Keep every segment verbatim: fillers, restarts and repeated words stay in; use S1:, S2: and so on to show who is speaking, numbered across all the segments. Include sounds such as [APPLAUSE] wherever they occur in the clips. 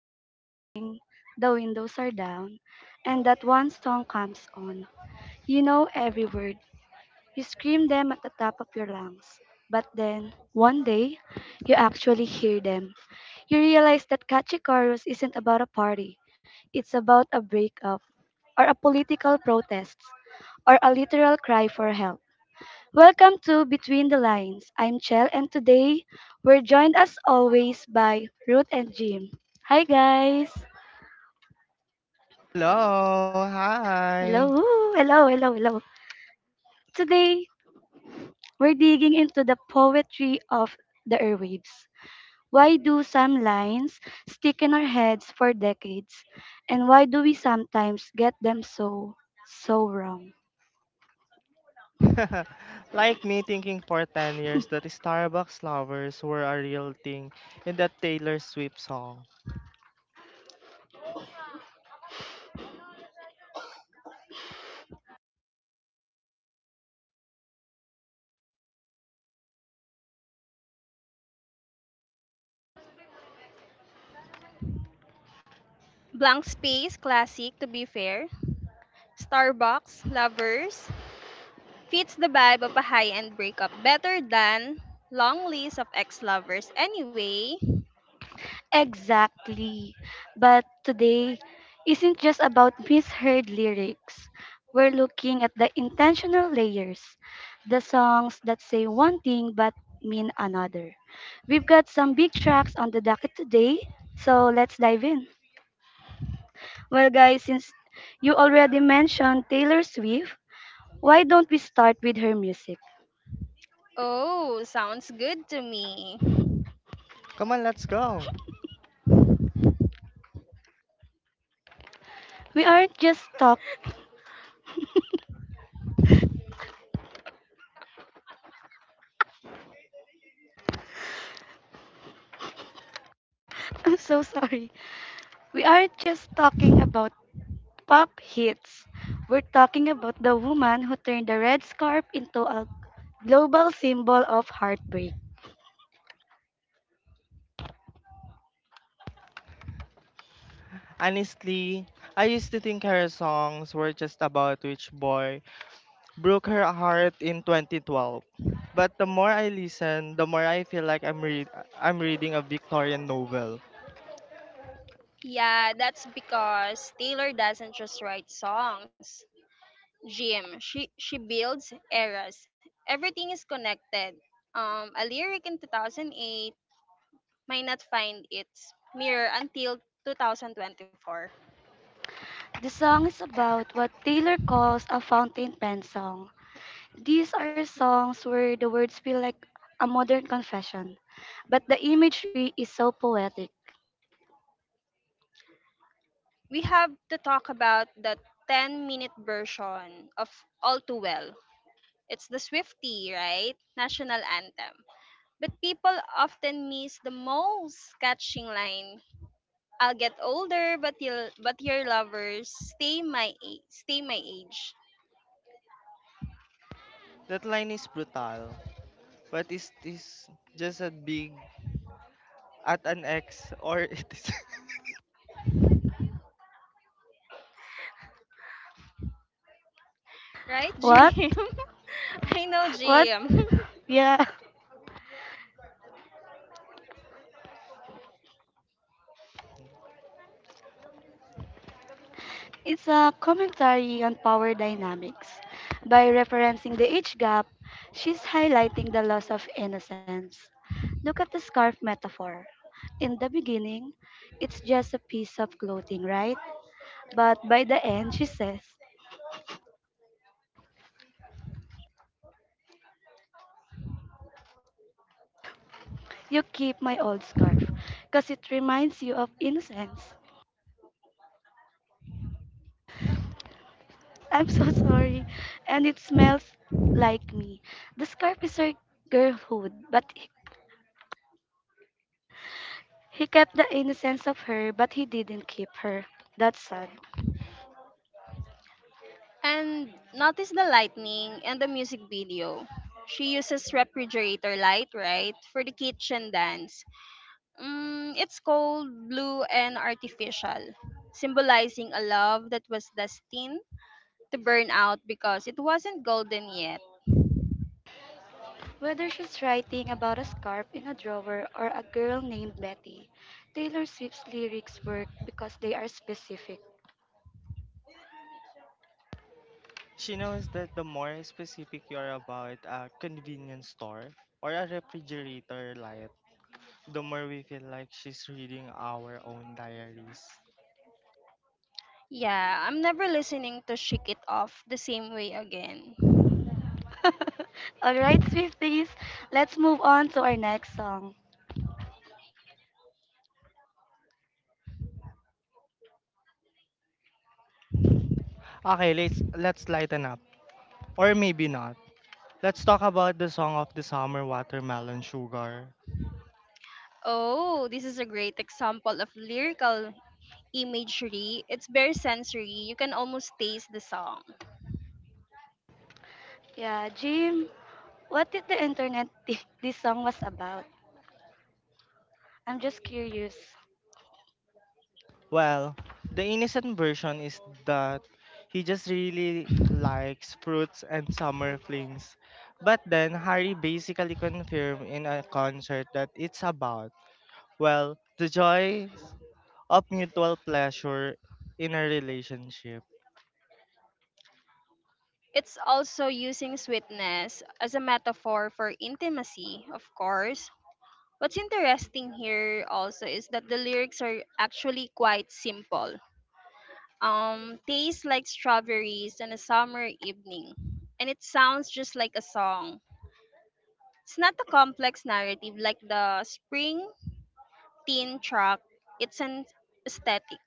S1: You're driving, the windows are down, and that one song comes on. You know every word. You scream them at the top of your lungs. But then, one day, you actually hear them. You realize that catchy chorus isn't about a party. It's about a breakup, or a political protest, or a literal cry for help. Welcome to Between the Lines. I'm Chell, and today we're joined as always by Ruth and Jim. Hi, guys.
S2: Hello, hi.
S1: Hello, hello, hello, hello. Today we're digging into the poetry of the airwaves. Why do some lines stick in our heads for decades, and why do we sometimes get them so, so wrong?
S2: [LAUGHS] Like me thinking for ten years that Starbucks lovers were a real thing in that Taylor Swift song.
S3: Blank Space Classic, to be fair. Starbucks Lovers fits the vibe of a high end breakup better than Long List of Ex Lovers anyway.
S1: Exactly. But today isn't just about misheard lyrics. We're looking at the intentional layers, the songs that say one thing but mean another. We've got some big tracks on the docket today, so let's dive in. Well, guys, since you already mentioned Taylor Swift, why don't we start with her music?
S3: Oh, sounds good to me.
S2: Come on, let's go.
S1: We aren't just talk. [LAUGHS] I'm so sorry. We aren't just talking about pop hits. We're talking about the woman who turned the red scarf into a global symbol of heartbreak.
S2: Honestly, I used to think her songs were just about which boy broke her heart in twenty twelve. But the more I listen, the more I feel like I'm read I'm reading a Victorian novel.
S3: Yeah, that's because Taylor doesn't just write songs. Jim, she, she builds eras. Everything is connected. Um, a lyric in two thousand eight might not find its mirror until two thousand twenty-four.
S1: The song is about what Taylor calls a fountain pen song. These are songs where the words feel like a modern confession, but the imagery is so poetic.
S3: We have to talk about the ten minute version of All Too Well. It's the Swiftie, right? National anthem. But people often miss the most catching line. I'll get older, but you'll, but your lovers stay my age, stay my age,
S2: That line is brutal, but it is just a big at an ex or it is. [LAUGHS]
S3: right,
S1: What?
S3: Jim? [LAUGHS] I know,
S1: What?
S3: Jim. [LAUGHS]
S1: [LAUGHS] Yeah. It's a commentary on power dynamics. By referencing the age gap, she's highlighting the loss of innocence. Look at the scarf metaphor. In the beginning, it's just a piece of clothing, right? But by the end, she says, "You keep my old scarf because it reminds you of innocence." [LAUGHS] I'm so sorry. And it smells like me. The scarf is her girlhood, but he kept the innocence of her, but he didn't keep her. That's sad.
S3: And notice the lightning and the music video. She uses refrigerator light, right, for the kitchen dance. Mm, it's cold, blue, and artificial, symbolizing a love that was destined to burn out because it wasn't golden yet.
S1: Whether she's writing about a scarf in a drawer or a girl named Betty, Taylor Swift's lyrics work because they are specific.
S2: She knows that the more specific you are about a convenience store or a refrigerator light, the more we feel like she's reading our own diaries.
S3: Yeah, I'm never listening to Shake It Off the same way again.
S1: [LAUGHS] Alright, Swifties, let's move on to our next song.
S2: Okay, let's let's lighten up. Or maybe not. Let's talk about the song of the summer, watermelon sugar.
S3: Oh, this is a great example of lyrical imagery. It's very sensory. You can almost taste the song.
S1: Yeah, Jim, what did the internet think this song was about? I'm just curious.
S2: Well, the innocent version is that he just really likes fruits and summer flings. But then Harry basically confirmed in a concert that it's about, well, the joys of mutual pleasure in a relationship.
S3: It's also using sweetness as a metaphor for intimacy, of course. What's interesting here also is that the lyrics are actually quite simple. Um, tastes like strawberries on a summer evening, and it sounds just like a song. It's not a complex narrative like the spring teen track. It's an aesthetic.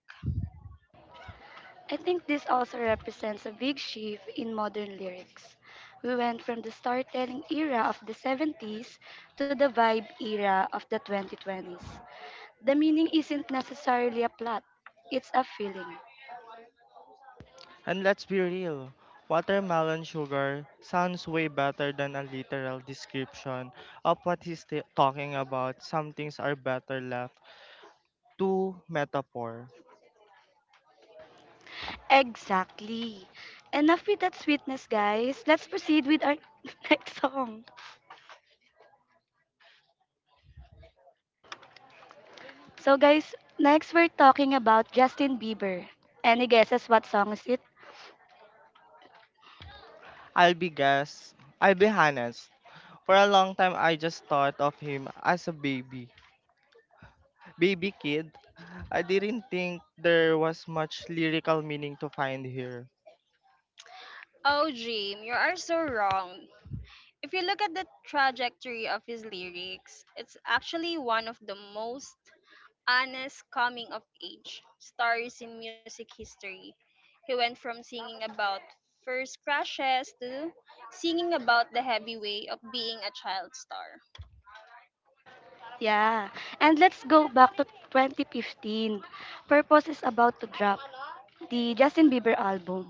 S1: I think this also represents a big shift in modern lyrics. We went from the storytelling era of the seventies to the vibe era of the twenty twenties. The meaning isn't necessarily a plot, it's a feeling.
S2: And let's be real, watermelon sugar sounds way better than a literal description of what he's t- talking about. Some things are better left to metaphor.
S1: Exactly. Enough with that sweetness, guys. Let's proceed with our [LAUGHS] next song. So, guys, next we're talking about Justin Bieber. Any guesses what song is it?
S2: I'll be guess, I'll be honest. For a long time, I just thought of him as a baby, baby kid. I didn't think there was much lyrical meaning to find here.
S3: Oh, Jim, you are so wrong. If you look at the trajectory of his lyrics, it's actually one of the most honest coming of age stories in music history. He went from singing about first crushes to singing about the heavy way of being a child star.
S1: Yeah. And let's go back to twenty fifteen. Purpose is about to drop the Justin Bieber album.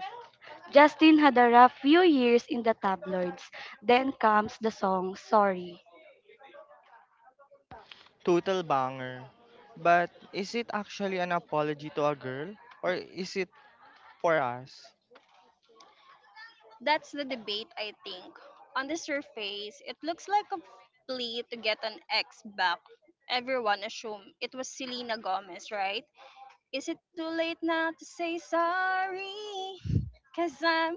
S1: Justin had a rough few years in the tabloids. Then comes the song Sorry.
S2: Total banger. But is it actually an apology to a girl or is it for us?
S3: That's the debate, I think. On the surface, it looks like a plea to get an ex back. Everyone assume it was Selena Gomez, right? Is it too late now to say sorry? Cause I'm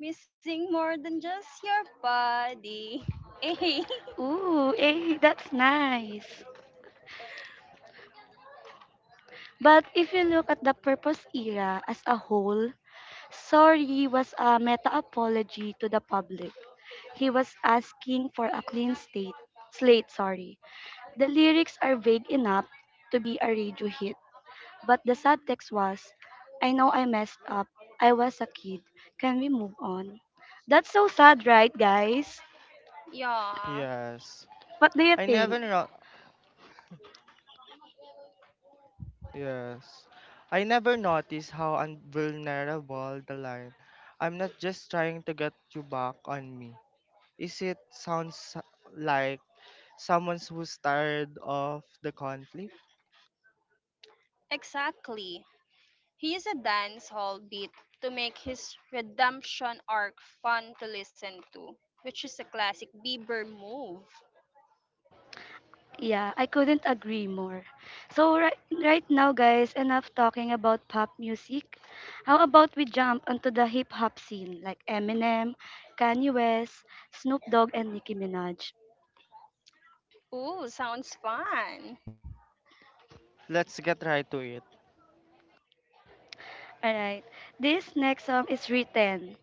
S3: missing more than just your body. [LAUGHS]
S1: Ooh, [LAUGHS] eh, that's nice. But if you look at the Purpose era as a whole, Sorry was a meta apology to the public. He was asking for a clean state, slate, sorry. The lyrics are vague enough to be a radio hit, but the subtext was, I know I messed up. I was a kid. Can we move on? That's so sad, right, guys?
S3: Yeah,
S2: Yes.
S1: What do you
S2: I never
S1: think?
S2: no- Yes. I never noticed how unvulnerable the line "I'm not just trying to get you back on me" is. It sounds like someone who's tired of the conflict.
S3: exactly. He used a dance hall beat to make his redemption arc fun to listen to, which is a classic Bieber move.
S1: Yeah, I couldn't agree more. So right, right now, guys, enough talking about pop music. How about we jump onto the hip hop scene like Eminem, Kanye West, Snoop Dogg, and Nicki Minaj?
S3: Ooh, sounds fun.
S2: Let's get right to it.
S1: Alright. This next song is written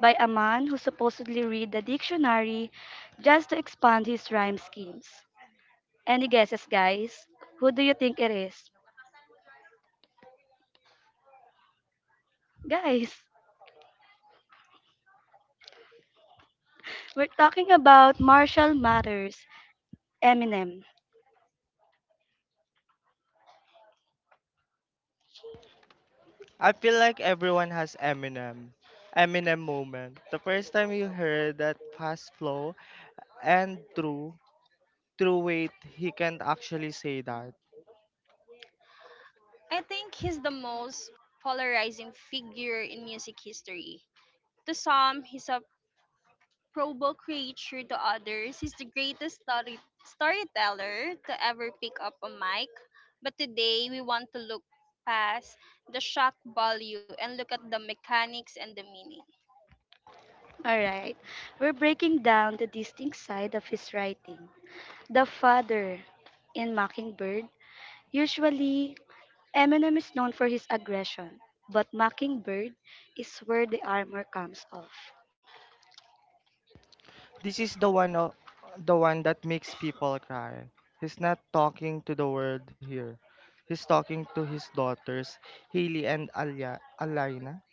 S1: by a man who supposedly read the dictionary just to expand his rhyme schemes. Any guesses, guys? Who do you think it is? [LAUGHS] Guys, we're talking about Marshall Mathers, Eminem.
S2: I feel like everyone has Eminem. Eminem moment. The first time you heard that fast flow and true true wait, he can't actually say that.
S3: I think he's the most polarizing figure in music history. To some, he's a Probo creature. To others, he's the greatest story- storyteller to ever pick up a mic. But today, we want to look past the shock value and look at the mechanics and the meaning.
S1: Alright. We're breaking down the distinct side of his writing. The father in Mockingbird. Usually, Eminem is known for his aggression, but Mockingbird is where the armor comes off.
S2: This is the one o- the one that makes people cry. He's not talking to the world here, he's talking to his daughters Haley and Alia, Alina.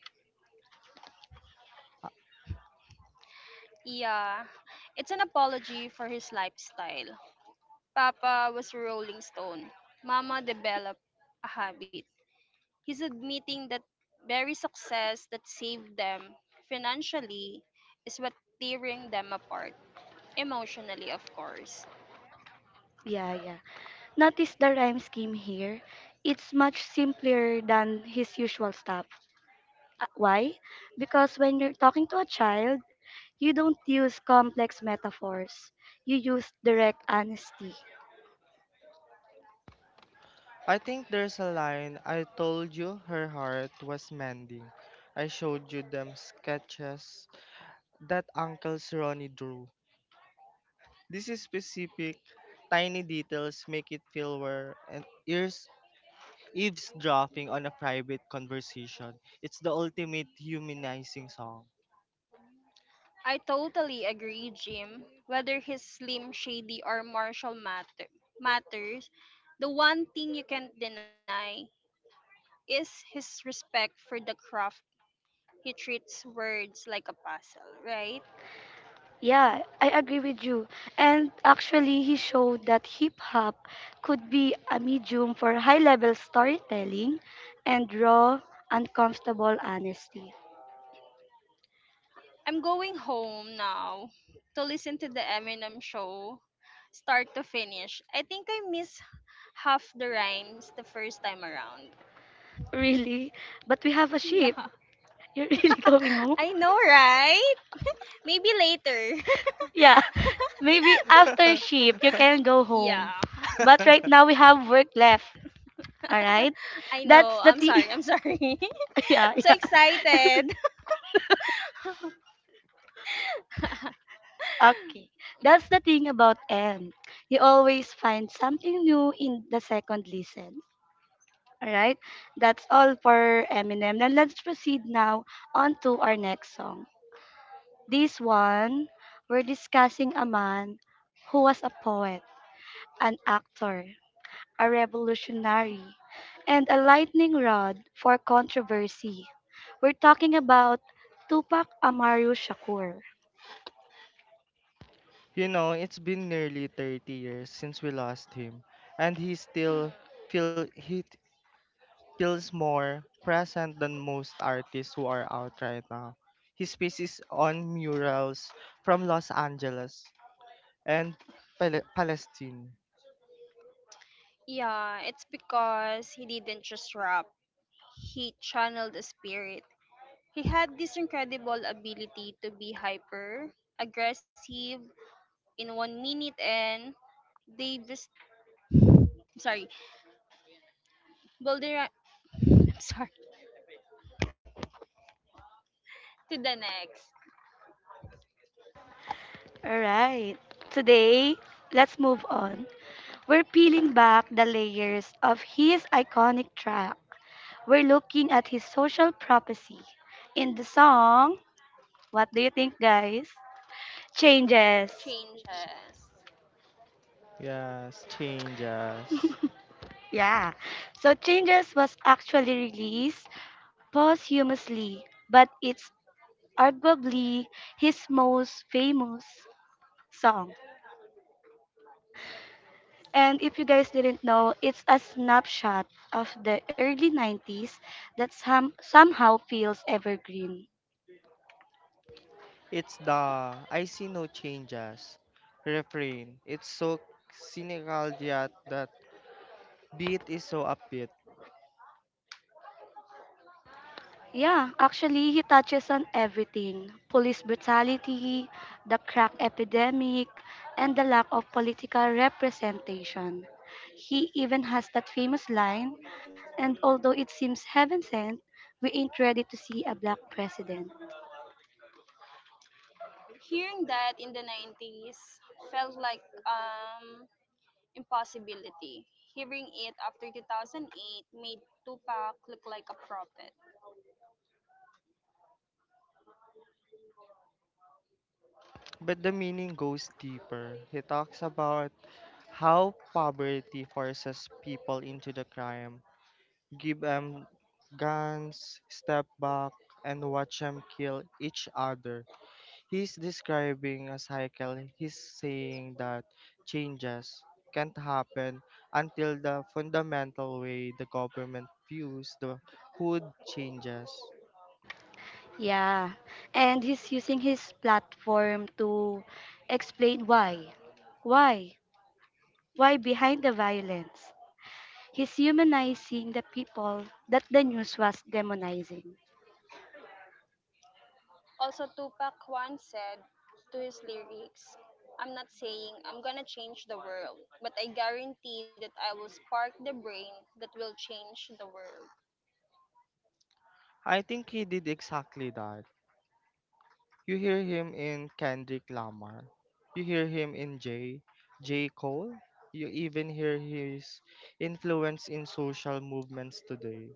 S2: i
S3: Yeah, it's an apology for his lifestyle. Papa was a rolling stone. Mama developed a habit. He's admitting that very success that saved them financially is what tearing them apart emotionally, of course.
S1: Yeah, yeah. Notice the rhyme scheme here. It's much simpler than his usual stuff. Uh, Why? Because when you're talking to a child, you don't use complex metaphors. You use direct honesty.
S2: I think there's a line, I told you her heart was mending, I showed you them sketches that Uncle Ronnie drew. This is specific tiny details make it feel where and ears eavesdropping on a private conversation. It's the ultimate humanizing song.
S3: I totally agree, Jim. Whether he's Slim Shady or Marshall matter, Matters, the one thing you can't deny is his respect for the craft. He treats words like a puzzle, right?
S1: Yeah, I agree with you. And actually, he showed that hip hop could be a medium for high level storytelling and raw, uncomfortable honesty.
S3: I'm going home now to listen to the Eminem show, start to finish. I think I miss half the rhymes the first time around. [LAUGHS]
S1: Really? But we have a
S3: Yeah.
S1: ship. You're [LAUGHS] really going home?
S3: [LAUGHS] I know, right? Maybe later.
S1: Yeah, [LAUGHS] maybe after
S2: [LAUGHS]
S1: sheep you can go
S3: [LAUGHS]
S1: home.
S3: Yeah.
S1: But right now we have work left. All right,
S3: [LAUGHS] I know.
S1: that's the
S3: I'm
S1: thing.
S3: sorry. I'm sorry.
S1: [LAUGHS] yeah,
S3: [LAUGHS] I'm so
S1: yeah.
S3: excited. [LAUGHS]
S1: Okay, that's the thing about M. You always find something new in the second listen. All right, that's all for Eminem. Now let's proceed now on to our next song. This one, we're discussing a man who was a poet, an actor, a revolutionary, and a lightning rod for controversy. We're talking about Tupac Amaru Shakur.
S2: You know, it's been nearly thirty years since we lost him, and he
S3: Mm.
S2: still feel he t- feels more present than most artists who are out right now. His piece is on murals from Los Angeles and Pal- Palestine.
S3: Yeah, it's because he didn't just rap. He channeled the spirit. He had this incredible ability to be hyper aggressive in one minute and Davis, I'm sorry, Boulder [LAUGHS] I'm sorry to the next
S1: Alright, today, let's move on. We're peeling back the layers of his iconic track. We're looking at his social prophecy. In the song, what do you think, guys? Changes.
S3: changes.
S2: Yes, changes.
S1: Yeah. So Changes was actually released posthumously, but it's arguably his most famous song. And if you guys didn't know, it's a snapshot of the early nineties that some, somehow feels evergreen.
S2: It's the "I see no changes" refrain. It's so cynical, yet that beat is so upbeat,
S1: Yeah, actually, he touches on everything police brutality, the crack epidemic, and the lack of political representation. He even has that famous line, and although it seems heaven sent, we ain't ready to see a black president.
S3: Hearing that in the nineties felt like um impossibility. Hearing it after two thousand eight made Tupac look like a prophet.
S2: but the meaning goes deeper. He talks about how poverty forces people into the crime, give them guns, step back, and watch them kill each other. He's describing a cycle. He's saying that changes can't happen until the fundamental way the government views the hood changes.
S1: Yeah. And he's using his platform to explain why. Why? Why behind the violence? He's humanizing the people that the news was demonizing.
S3: Also, Tupac once said to his lyrics, I'm not saying I'm gonna change the world, but I guarantee that I will spark the brain that will change the world.
S2: I think he did exactly that. You hear him in Kendrick Lamar. You hear him in J. J. Cole. You even hear his influence in social movements today.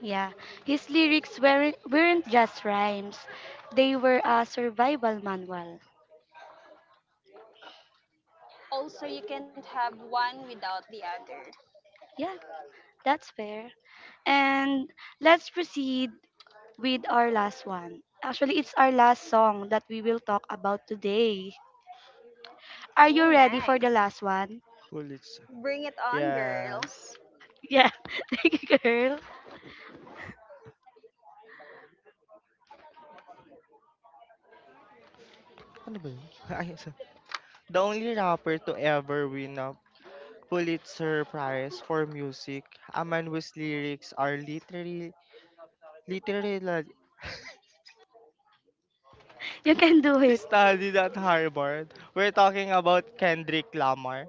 S1: Yeah. His lyrics weren't, weren't just rhymes, they were a survival manual.
S3: Also, you can't have one without the other.
S1: Yeah, that's fair. And let's proceed with our last one. Actually, it's our last song that we will talk about today. Are you
S3: Ooh,
S1: ready for the
S3: nice.
S1: last one?
S2: Pulitzer.
S3: Bring it on, girl.
S2: Yes.
S1: Yeah, [LAUGHS] thank you, girl.
S2: Ano ba yun? [LAUGHS] Ay, so- the only rapper to ever win a Pulitzer Prize for Music, a man whose lyrics are literally literally
S1: You can do it.
S2: studied at Harvard. We're talking about Kendrick Lamar.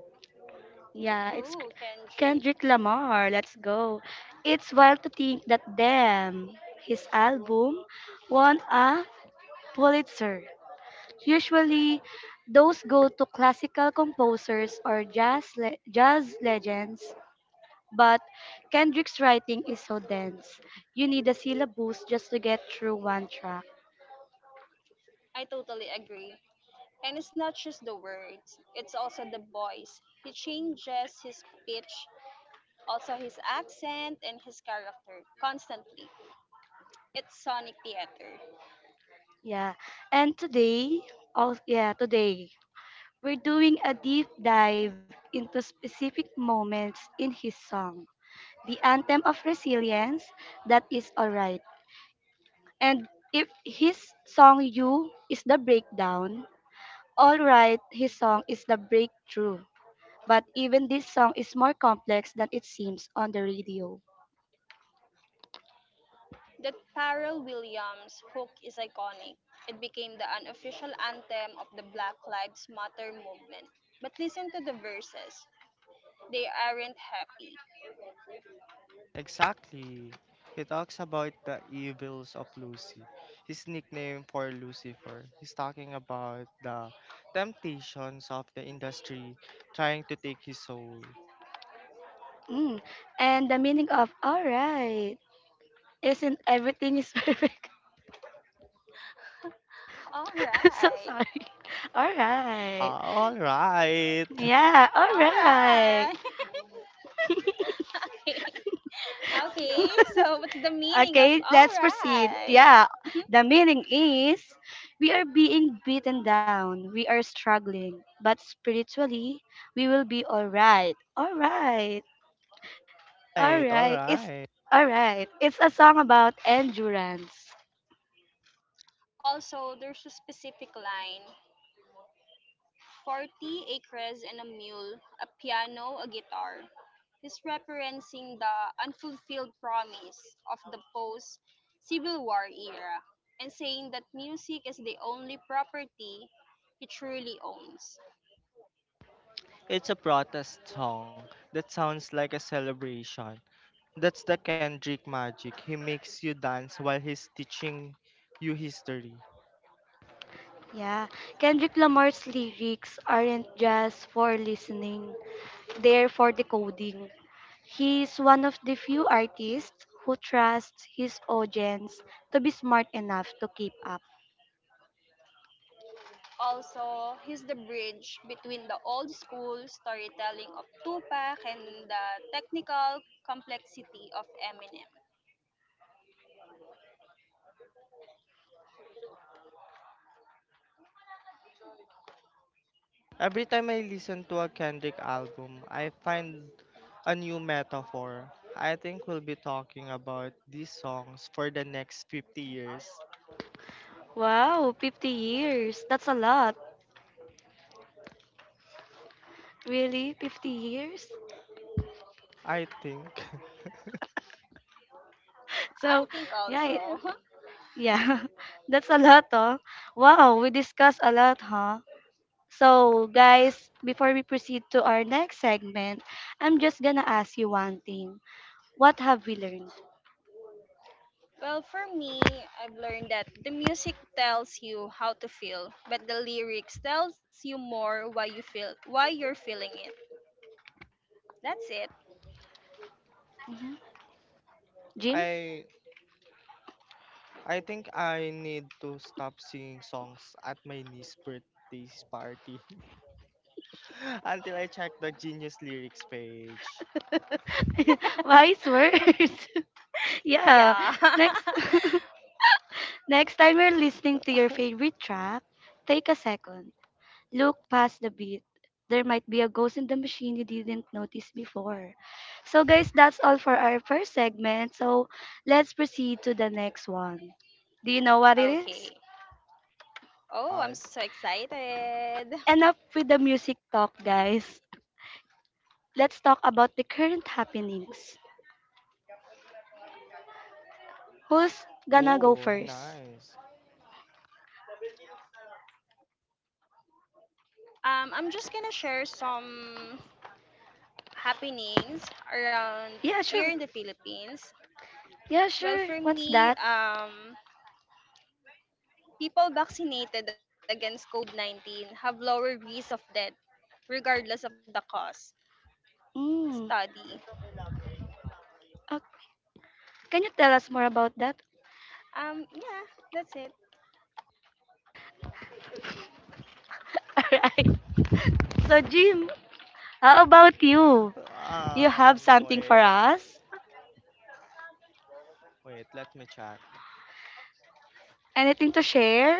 S1: Yeah, it's K-
S3: Ooh, Kendrick.
S1: Kendrick Lamar. Let's go. It's wild to think that damn, his album won a Pulitzer. Usually, those go to classical composers or jazz le- jazz legends. But Kendrick's writing is so dense. You need a syllabus just to get through one track.
S3: I totally agree. And it's not just the words, it's also the voice. He changes his pitch, also his accent and his character constantly. It's sonic theater.
S1: Yeah. And today, oh yeah, today we're doing a deep dive into specific moments in his song, the anthem of resilience that is Alright. And if his song You is the breakdown, Alright, his song is the breakthrough. But even this song is more complex than it seems on the radio.
S3: That Pharrell Williams hook is iconic. It became the unofficial anthem of the Black Lives Matter movement. But listen to the verses. They aren't happy.
S2: Exactly. He talks about the evils of Lucy, his nickname for Lucifer. He's talking about the temptations of the industry trying to take his soul.
S1: Mm. And the meaning of Alright isn't everything is [LAUGHS] perfect.
S3: All
S1: So
S3: right.
S1: sorry. Alright.
S2: Ah, all right.
S1: Yeah,
S3: All
S1: alright.
S3: right. [LAUGHS] Okay. Okay. So what's the meaning of
S1: Okay,
S3: all
S1: let's proceed.
S3: right?
S1: Yeah, the meaning is we are being beaten down, we are struggling, but spiritually, we will be all right. All right, all
S2: Right, all
S1: right. It's
S2: right.
S1: all right. It's a song about endurance.
S3: Also, there's a specific line, forty acres and a mule, a piano, a guitar. He's referencing the unfulfilled promise of the post Civil War era and saying that music is the only property he truly owns.
S2: It's a protest song that sounds like a celebration. That's the Kendrick magic. He makes you dance while he's teaching you history.
S1: Yeah, Kendrick Lamar's lyrics aren't just for listening, they're for decoding. He's one of the few artists who trusts his audience to be smart enough to keep up.
S3: Also, he's the bridge between the old school storytelling of Tupac and the technical complexity of Eminem.
S2: Every time I listen to a Kendrick album, I find a new metaphor. I think we'll be talking about these songs for the next fifty years.
S1: Wow, fifty years. That's a lot. Really? fifty years? [LAUGHS]
S2: I think [LAUGHS]
S3: I
S1: So,
S3: think
S1: right.
S3: also. [LAUGHS]
S1: Yeah. [LAUGHS] That's a lot, oh. Wow, we discussed a lot, huh? So, guys, before we proceed to our next segment, I'm just gonna ask you one thing. What have we learned?
S3: Well, for me, I've learned that the music tells you how to feel, but the lyrics tells you more why you feel why you're feeling it. That's it.
S1: Mhm. Jim?
S2: I I think I need to stop singing songs at my niece's birthday party [LAUGHS] until I check the Genius lyrics page.
S1: [LAUGHS] Wise
S3: [LAUGHS]
S1: words. [LAUGHS] yeah.
S3: Yeah. [LAUGHS]
S1: Next [LAUGHS] next time you're listening to your favorite track, take a second. Look past the beat. There might be a ghost in the machine you didn't notice before. So, guys, that's all for our first segment. So, let's proceed to the next one. Do you know what it is?
S3: Okay. Oh, I'm so
S2: Part
S3: excited.
S1: Enough with the music talk, guys. Let's talk about the current happenings. Who's gonna go
S2: two,
S1: first?
S2: nice.
S3: Um, I'm just gonna share some happenings around
S1: Yeah, sure.
S3: here in the Philippines.
S1: Yeah, sure.
S3: Well, for
S1: What's that?
S3: me, um, people vaccinated against COVID nineteen have lower risk of death regardless of the cause
S1: Mm.
S3: study.
S1: Uh, can you tell us more about
S3: Um,
S1: that?
S3: yeah, that's it.
S1: [LAUGHS] Alright. So, Jim, how about you? You have
S2: Um,
S1: something for
S2: wait,
S1: us?
S2: wait, let me check.
S1: Anything to share?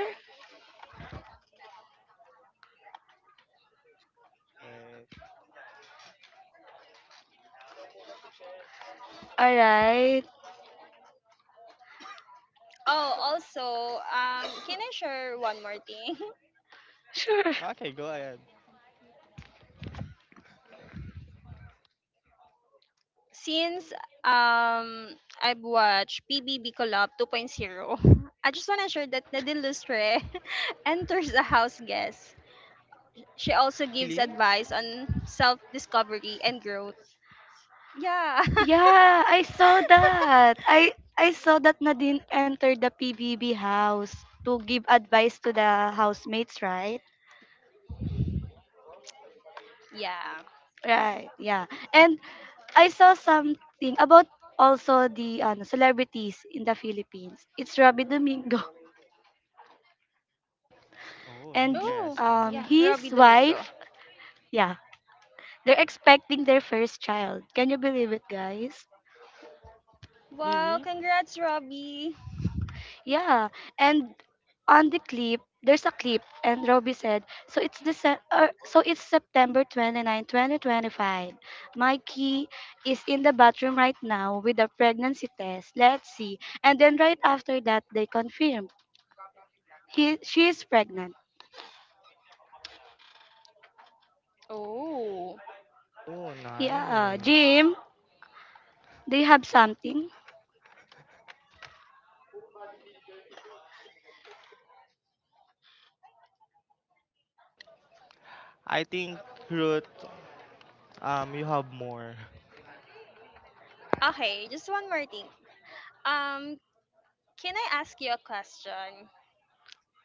S2: Wait.
S1: All right.
S3: Oh, also, um, can I share one more thing? [LAUGHS]
S1: Sure.
S2: Okay, go ahead.
S3: Since um I've watched P B B Collab 2.0, [LAUGHS] I just want to share that Nadine Lustre [LAUGHS] enters a house guest. She also gives
S2: Really?
S3: advice on self-discovery and growth. Yeah. [LAUGHS]
S1: Yeah, I saw that. I I saw that Nadine entered the P B B house to give advice to the housemates, right?
S3: Yeah.
S1: Right. Yeah. And I saw something about also the ano, celebrities in the Philippines. It's Robbie Domingo
S2: Oh,
S1: [LAUGHS] and
S3: Oh,
S2: interesting.
S1: um
S3: yeah, Robbie
S1: his
S3: Domingo.
S1: wife. Yeah. They're expecting their first child. Can you believe it, guys?
S3: Wow,
S2: Really?
S3: congrats, Robbie.
S1: Yeah, and on the clip, there's a clip, and Robbie said, "So it's December, uh, so it's September 29, 2025. Mikey is in the bathroom right now with a pregnancy test. Let's see." And then right after that, they confirm he she is pregnant.
S3: Oh.
S2: Oh,
S1: Yeah,
S2: nice.
S1: Jim, do you have something?
S2: I think, Ruth, um, you have more. [LAUGHS]
S3: Okay, just one more thing. Um, Can I ask you a question?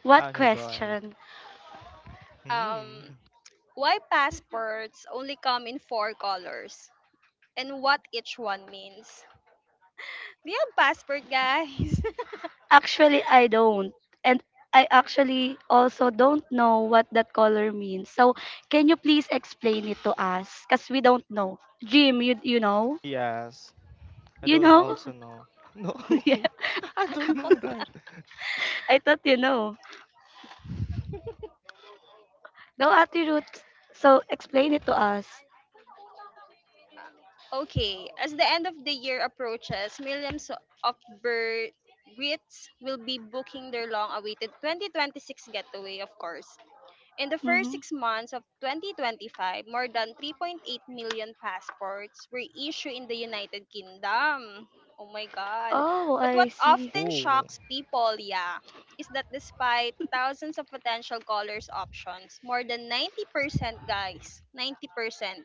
S1: What
S2: Okay, go ahead.
S1: question?
S2: Hmm.
S3: Um, why passports only come in four colors and what each one means? We have passport, guys. [LAUGHS]
S1: Actually, I don't. And I actually also don't know what that color means. So, can you please explain it to us? Because we don't know. Jim, you, you know?
S2: Yes. I
S1: You
S2: don't
S1: know?
S2: also know. [LAUGHS] No,
S1: [LAUGHS] yeah,
S2: [LAUGHS] I don't know that.
S1: I thought you know. Go at your So, explain it to us.
S3: Okay, as the end of the year approaches, millions of bir- Brits will be booking their long awaited twenty twenty-six getaway, of course. In the first
S1: Mm-hmm.
S3: six months of twenty twenty-five, more than three point eight million passports were issued in the United Kingdom. Oh my God.
S1: Oh,
S3: But
S1: I
S3: what
S1: see.
S3: often
S2: Oh.
S3: shocks people, yeah, is that despite thousands of potential colors options, more than ninety percent, guys, ninety percent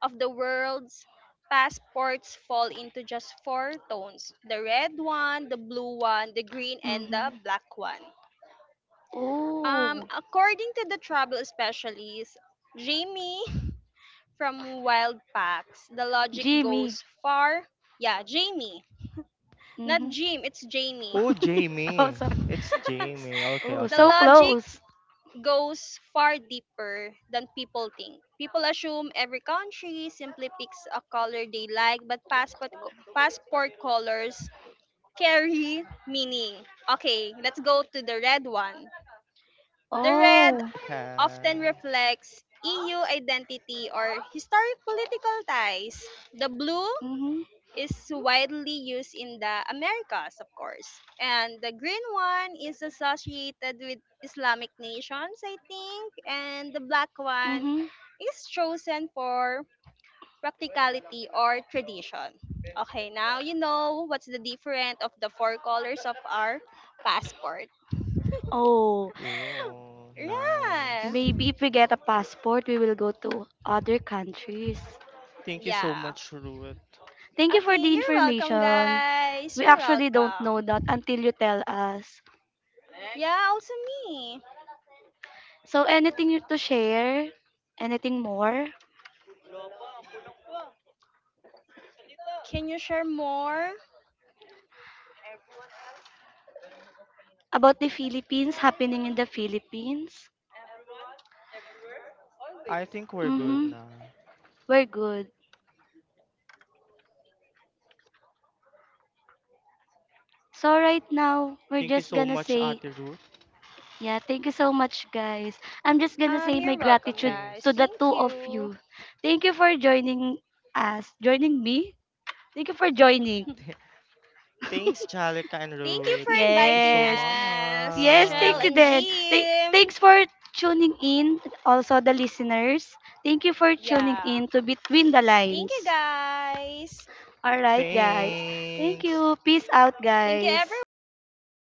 S3: of the world's passports fall into just four tones, the red one, the blue one, the green, and
S1: Mm-hmm.
S3: the black one. Um,
S1: Oh,
S3: according to the travel specialist, Jamie from Wild Packs, the logic
S1: Jimmy.
S3: goes far. Yeah, Jamie, not
S1: Mm-hmm.
S3: Jim, it's Jamie.
S2: Oh,
S1: [LAUGHS] oh,
S2: Jamie.
S1: sorry.
S2: It's
S1: S-
S2: Jamie. Okay,
S1: Oh,
S3: The
S1: so
S2: okay.
S3: logic
S1: close.
S3: goes far deeper than people think. People assume every country simply picks a color they like, but passport co- passport colors carry meaning. Okay, let's go to the red one. The red
S1: Oh.
S2: Okay.
S3: often reflects E U identity or historic political ties. The blue
S1: Mm-hmm.
S3: is widely used in the Americas, of course. And the green one is associated with Islamic nations, I think. And the black one
S1: Mm-hmm.
S3: is chosen for practicality or tradition. Okay, now you know what's the difference of the four colors of our passport.
S1: Oh.
S2: Oh,
S3: Yeah.
S2: nice.
S1: Maybe if we get a passport, we will go to other countries.
S2: Thank you so
S3: Yeah.
S2: much, Ruth.
S1: Thank you for the
S3: Okay, you're welcome,
S1: information.
S3: guys.
S1: We
S3: You're
S1: actually don't know
S3: welcome.
S1: that until you tell us.
S3: Yeah, also me.
S1: So, anything you to share? Anything more
S3: Can you share more?
S1: about the Philippines happening in the Philippines?
S2: I think we're good
S1: Mm-hmm.
S2: na.
S1: We're good. So right now,
S2: Thank you
S1: we're
S2: so
S1: just
S2: much,
S1: gonna
S2: Ate
S1: say,
S2: Ruth.
S1: yeah, thank you so much, guys. I'm just gonna
S3: Um,
S1: say
S3: you're
S1: my
S3: welcome,
S1: gratitude
S2: Thanks.
S3: guys.
S1: to the
S3: Thank
S1: two of
S3: you.
S1: you. Thank you for joining us, joining me. Thank you for
S2: [LAUGHS]
S1: joining.
S2: Th- Thanks, Jalika and
S3: Thank
S2: Ruth.
S3: you for
S2: Thank you so
S3: inviting
S1: Yes.
S3: us,
S1: Yes,
S3: Shell
S1: thank you
S3: and
S2: much.
S1: then. Th-
S3: Jim.
S1: thanks for tuning in also the listeners. Thank you for tuning
S3: Yeah.
S1: in to Between the
S3: Thank you,
S1: Lines.
S3: guys.
S1: All right, guys. Thank
S2: Thanks.
S1: you. Peace out,
S3: Thank you,
S1: guys.
S3: everyone. Peace out.